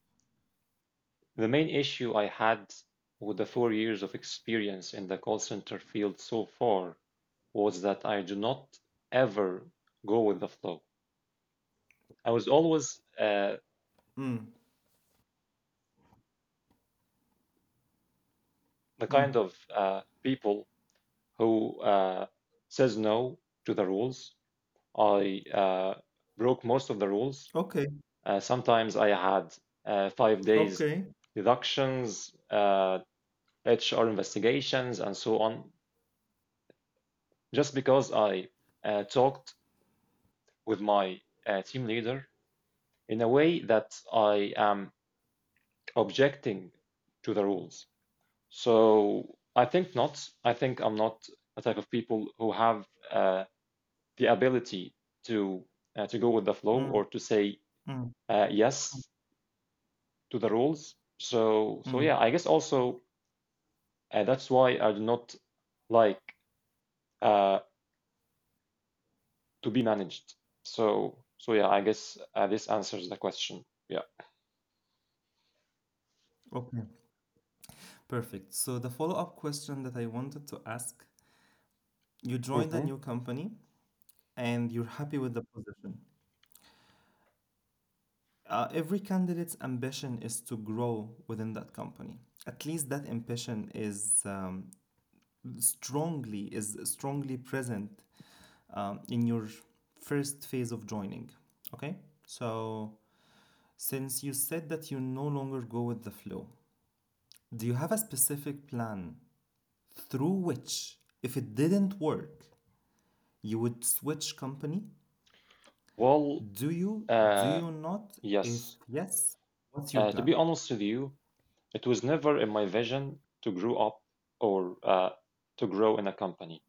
Speaker 2: the main issue I had with the four years of experience in the call center field so far was that I do not ever go with the flow. I was always
Speaker 1: Mm,
Speaker 2: the
Speaker 1: mm.
Speaker 2: kind of people who says no to the rules. I broke most of the rules.
Speaker 1: Okay,
Speaker 2: Sometimes I had five days
Speaker 1: okay.
Speaker 2: deductions, HR investigations, and so on, just because I talked with my team leader in a way that I am objecting to the rules. So I think not. I think I'm not a type of people who have uh, the ability to to go with the flow
Speaker 1: Mm,
Speaker 2: or to say
Speaker 1: mm, mm,
Speaker 2: yes to the rules. So
Speaker 1: mm.
Speaker 2: yeah, I guess also that's why I do not like uh, to be managed. So yeah, I guess this answers the question. Yeah.
Speaker 1: Okay. Perfect. So, the follow up question that I wanted to ask you, joined a
Speaker 2: Hmm.
Speaker 1: new company and you're happy with the position. Every candidate's ambition is to grow within that company. At least that ambition is strongly present in your first phase of joining. Okay, so since you said that you no longer go with the flow, do you have a specific plan through which, if it didn't work, you would switch company?
Speaker 2: Well,
Speaker 1: Do you? Do
Speaker 2: uh,
Speaker 1: you not? If
Speaker 2: yes.
Speaker 1: yes, what's your
Speaker 2: To
Speaker 1: plan?
Speaker 2: be honest with you, it was never in my vision to grow up or to grow in a company.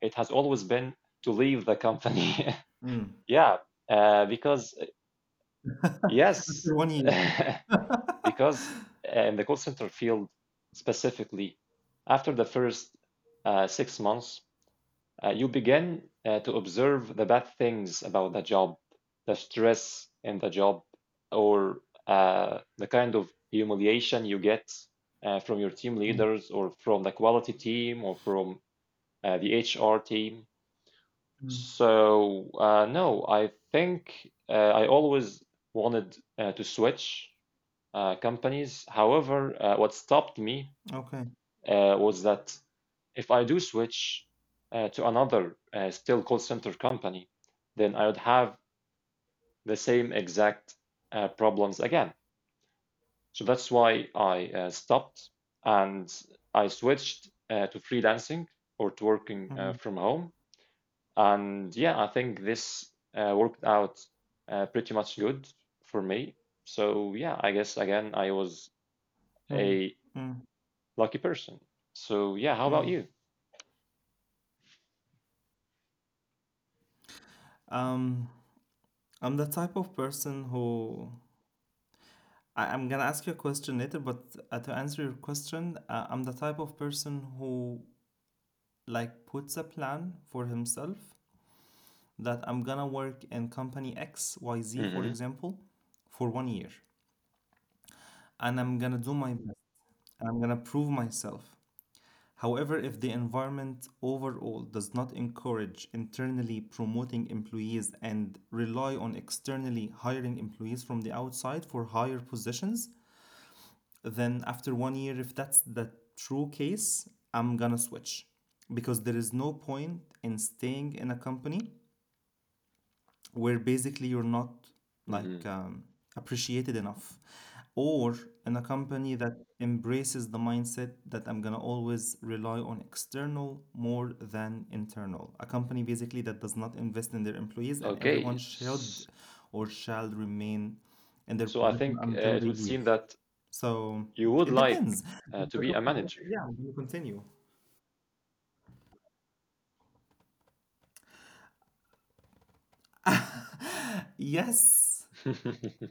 Speaker 2: It has always been to leave the company.
Speaker 1: Mm.
Speaker 2: yeah, because yes,
Speaker 1: After 1 year.
Speaker 2: because in the call center field specifically, after the first six months you begin to observe the bad things about the job, the stress in the job, or the kind of humiliation you get from your team
Speaker 1: Mm,
Speaker 2: leaders or from the quality team or from the HR team.
Speaker 1: mm.
Speaker 2: So, no, I think I always wanted to switch companies. However, what stopped me
Speaker 1: Okay.
Speaker 2: was that if I do switch to another still call center company, then I would have the same exact problems again. So that's why I stopped and I switched to freelancing or to working
Speaker 1: Mm,
Speaker 2: from home. And yeah, I think this worked out pretty much good for me. So yeah, I guess again, I was
Speaker 1: mm,
Speaker 2: a
Speaker 1: mm,
Speaker 2: lucky person. So yeah, how
Speaker 1: mm.
Speaker 2: about you?
Speaker 1: Um, I'm the type of person who I, I'm gonna ask you a question later, but to answer your question, I'm the type of person who, like, puts a plan for himself, that I'm gonna work in company X, Y, Z, for
Speaker 2: Mm-hmm.
Speaker 1: example, for 1 year, and I'm gonna do my best, and I'm gonna prove myself. However, if the environment overall does not encourage internally promoting employees and rely on externally hiring employees from the outside for higher positions, then after 1 year, if that's the true case, I'm gonna switch, because there is no point in staying in a company where basically you're not, like,
Speaker 2: Mm-hmm.
Speaker 1: appreciated enough, or in a company that embraces the mindset that I'm going to always rely on external more than internal, a company basically that does not invest in their employees and everyone
Speaker 2: Okay.
Speaker 1: should or shall remain in their
Speaker 2: So I
Speaker 1: position
Speaker 2: think
Speaker 1: until
Speaker 2: it
Speaker 1: they
Speaker 2: would
Speaker 1: leave.
Speaker 2: seem that
Speaker 1: So
Speaker 2: you would
Speaker 1: it
Speaker 2: like
Speaker 1: depends. If
Speaker 2: to
Speaker 1: I
Speaker 2: be a
Speaker 1: got
Speaker 2: manager.
Speaker 1: promoted, yeah, I'm going to continue, yes.
Speaker 2: Hmm.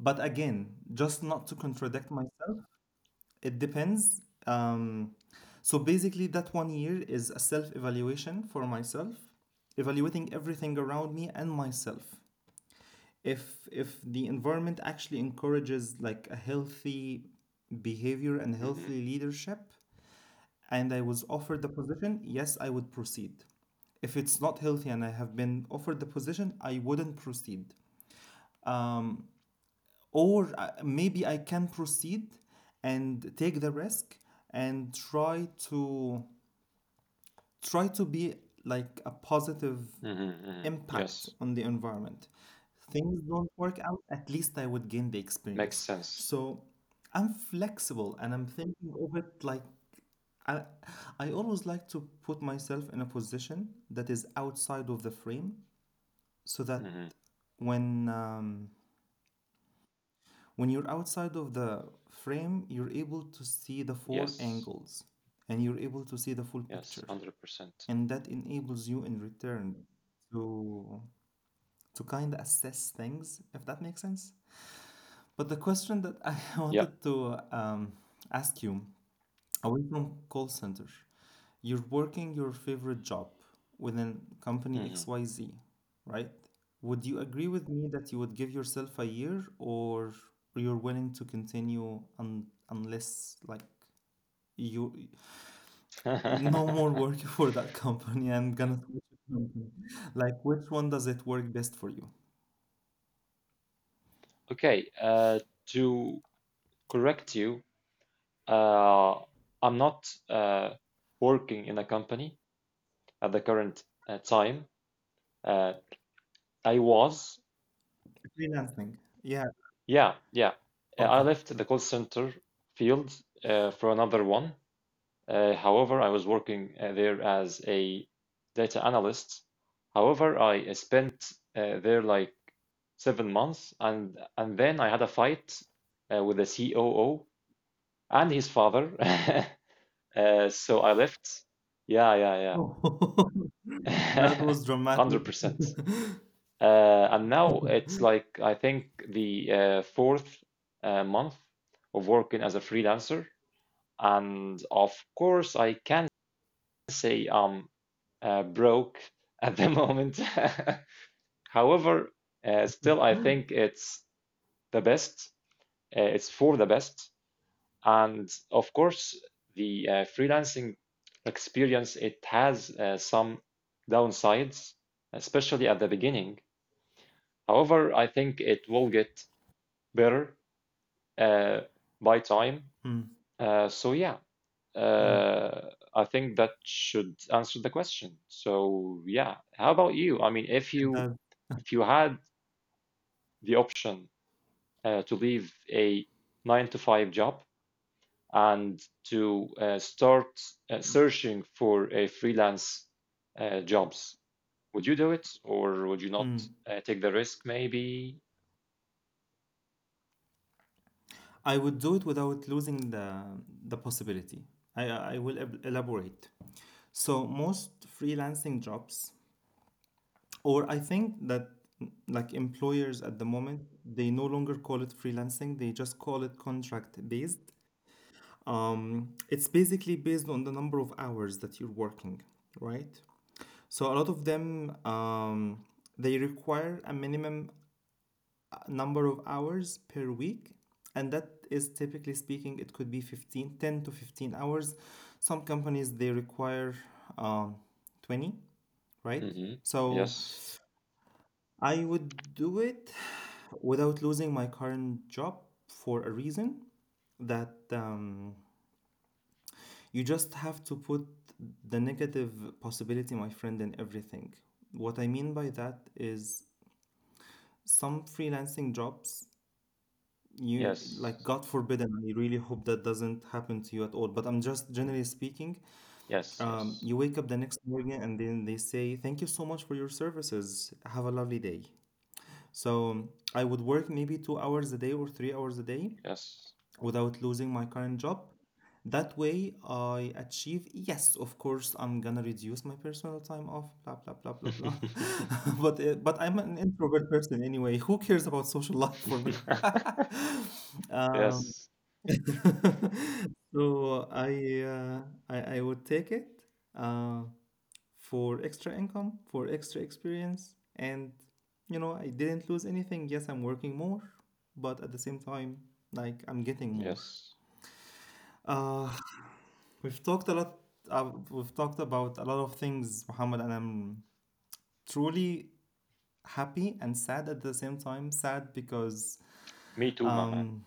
Speaker 1: But again, just not to contradict myself, it depends. Um, so basically, that 1 year is a self evaluation for myself, evaluating everything around me and myself. If the environment actually encourages, like, a healthy behavior and
Speaker 2: Hmm.
Speaker 1: healthy leadership, and I was offered the position, yes, I would proceed. If it's not healthy and I have been offered the position, I wouldn't proceed. Or maybe I can proceed and take the risk and try to be, like, a positive
Speaker 2: Hmm.
Speaker 1: impact
Speaker 2: Yes,
Speaker 1: on the environment. Things don't work out, at least I would gain the
Speaker 2: makes
Speaker 1: experience.
Speaker 2: sense.
Speaker 1: So I'm flexible and I'm thinking of it, like, I, I always like to put myself in a position that is outside of the frame, so that
Speaker 2: Hmm.
Speaker 1: when um, when you're outside of the frame, you're able to see the four
Speaker 2: Yes,
Speaker 1: angles and you're able to see the full
Speaker 2: yes,
Speaker 1: picture,
Speaker 2: 100%.
Speaker 1: and that enables you in return to kind of assess things, if that makes sense. But the question that I
Speaker 2: Yeah.
Speaker 1: wanted to ask you, away from call center, you're working your favorite job within company
Speaker 2: Hmm.
Speaker 1: XYZ, right? Would you agree with me that you would give yourself a year, or you're willing to continue unless, like, you no more working for that company and gonna switch it company. Like, which one does it work best for you?
Speaker 2: Okay, to correct you, uh, I'm not working in a company at the current time. Uh, I was,
Speaker 1: Freelancing. Yeah.
Speaker 2: yeah, yeah. I
Speaker 1: Okay.
Speaker 2: left the call center field for another one. However, I was working there as a data analyst. However, I spent there like seven months, and then I had a fight with the COO and his father. So I left. Yeah, yeah,
Speaker 1: Oh, that
Speaker 2: yeah.
Speaker 1: was dramatic.
Speaker 2: 100%. Uh, and now it's like I think the fourth month of working as a freelancer. And of course, I can say broke at the moment. However, still, I think it's the best. It's for the best, and of course, the freelancing experience it has some downsides, especially at the beginning. However, I think it will get better uh, by time.
Speaker 1: Mm,
Speaker 2: So yeah.
Speaker 1: mm,
Speaker 2: Uh, I think that should answer the question. So yeah, how about you? I mean, if
Speaker 1: it
Speaker 2: you
Speaker 1: does.
Speaker 2: if you had the option to leave a 9 to 5 job and to start searching for a freelance jobs, would you do it or would you not
Speaker 1: Mm.
Speaker 2: take the risk maybe?
Speaker 1: I would do it without losing the possibility. I will elaborate. So most freelancing jobs, or I think that mm, like, employers at the moment, they no longer call it freelancing. They just call it contract based. It's basically based on the number of hours that you're working, right? So a lot of them they require a minimum number of hours per week, and that is typically speaking, it could be 15, 10 to 15 hours. Some companies they require um, 20, right?
Speaker 2: Mm-hmm.
Speaker 1: So
Speaker 2: Yes.
Speaker 1: I would do it without losing my current job for a reason that you just have to put the negative possibility, my friend, in everything. What I mean by that is some freelancing jobs, you,
Speaker 2: Yes.
Speaker 1: like, God forbid, and I really hope that doesn't happen to you at all. But I'm just generally speaking,
Speaker 2: Yes. Yes.
Speaker 1: you wake up the next morning and then they say, "Thank you so much for your services. Have a lovely day." So I would work maybe 2 hours a day or 3 hours a day,
Speaker 2: Yes.
Speaker 1: without losing my current job. That way, I achieve, yes, of course, I'm gonna reduce my personal time off, blah, blah, blah, blah, blah, but I'm an introvert person anyway. Who cares about social life for me? Um,
Speaker 2: Yes.
Speaker 1: so I would take it uh, for extra income, for extra experience, and you know, I didn't lose anything. Yes, I'm working more, but at the same time, like, I'm getting more.
Speaker 2: Yes.
Speaker 1: Uh, we've talked a lot. We've talked about a lot of things, Muhammad, and I'm truly happy and sad at the same time. Sad because,
Speaker 2: Me too, my man.
Speaker 1: um,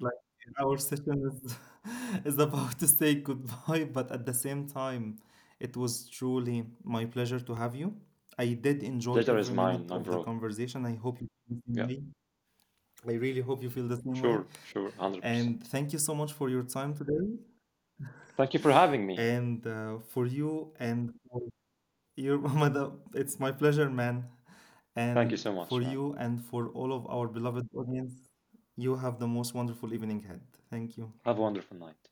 Speaker 1: like, our session is is about to say goodbye, but at the same time, it was truly my pleasure to have you. I did enjoy
Speaker 2: Pleasure is
Speaker 1: every
Speaker 2: mine,
Speaker 1: minute
Speaker 2: my
Speaker 1: of the
Speaker 2: bro.
Speaker 1: conversation. I hope you feel the same
Speaker 2: Yeah.
Speaker 1: way. I really hope you feel the same way.
Speaker 2: Sure. Sure.
Speaker 1: And
Speaker 2: 100%.
Speaker 1: thank you so much for your time today.
Speaker 2: Thank you for having me.
Speaker 1: And for you and for your madam, it's my pleasure, man.
Speaker 2: Thank you
Speaker 1: And
Speaker 2: so much,
Speaker 1: for
Speaker 2: man.
Speaker 1: you and for all of our beloved audience, you have the most wonderful evening ahead. Thank you.
Speaker 2: Have a wonderful night.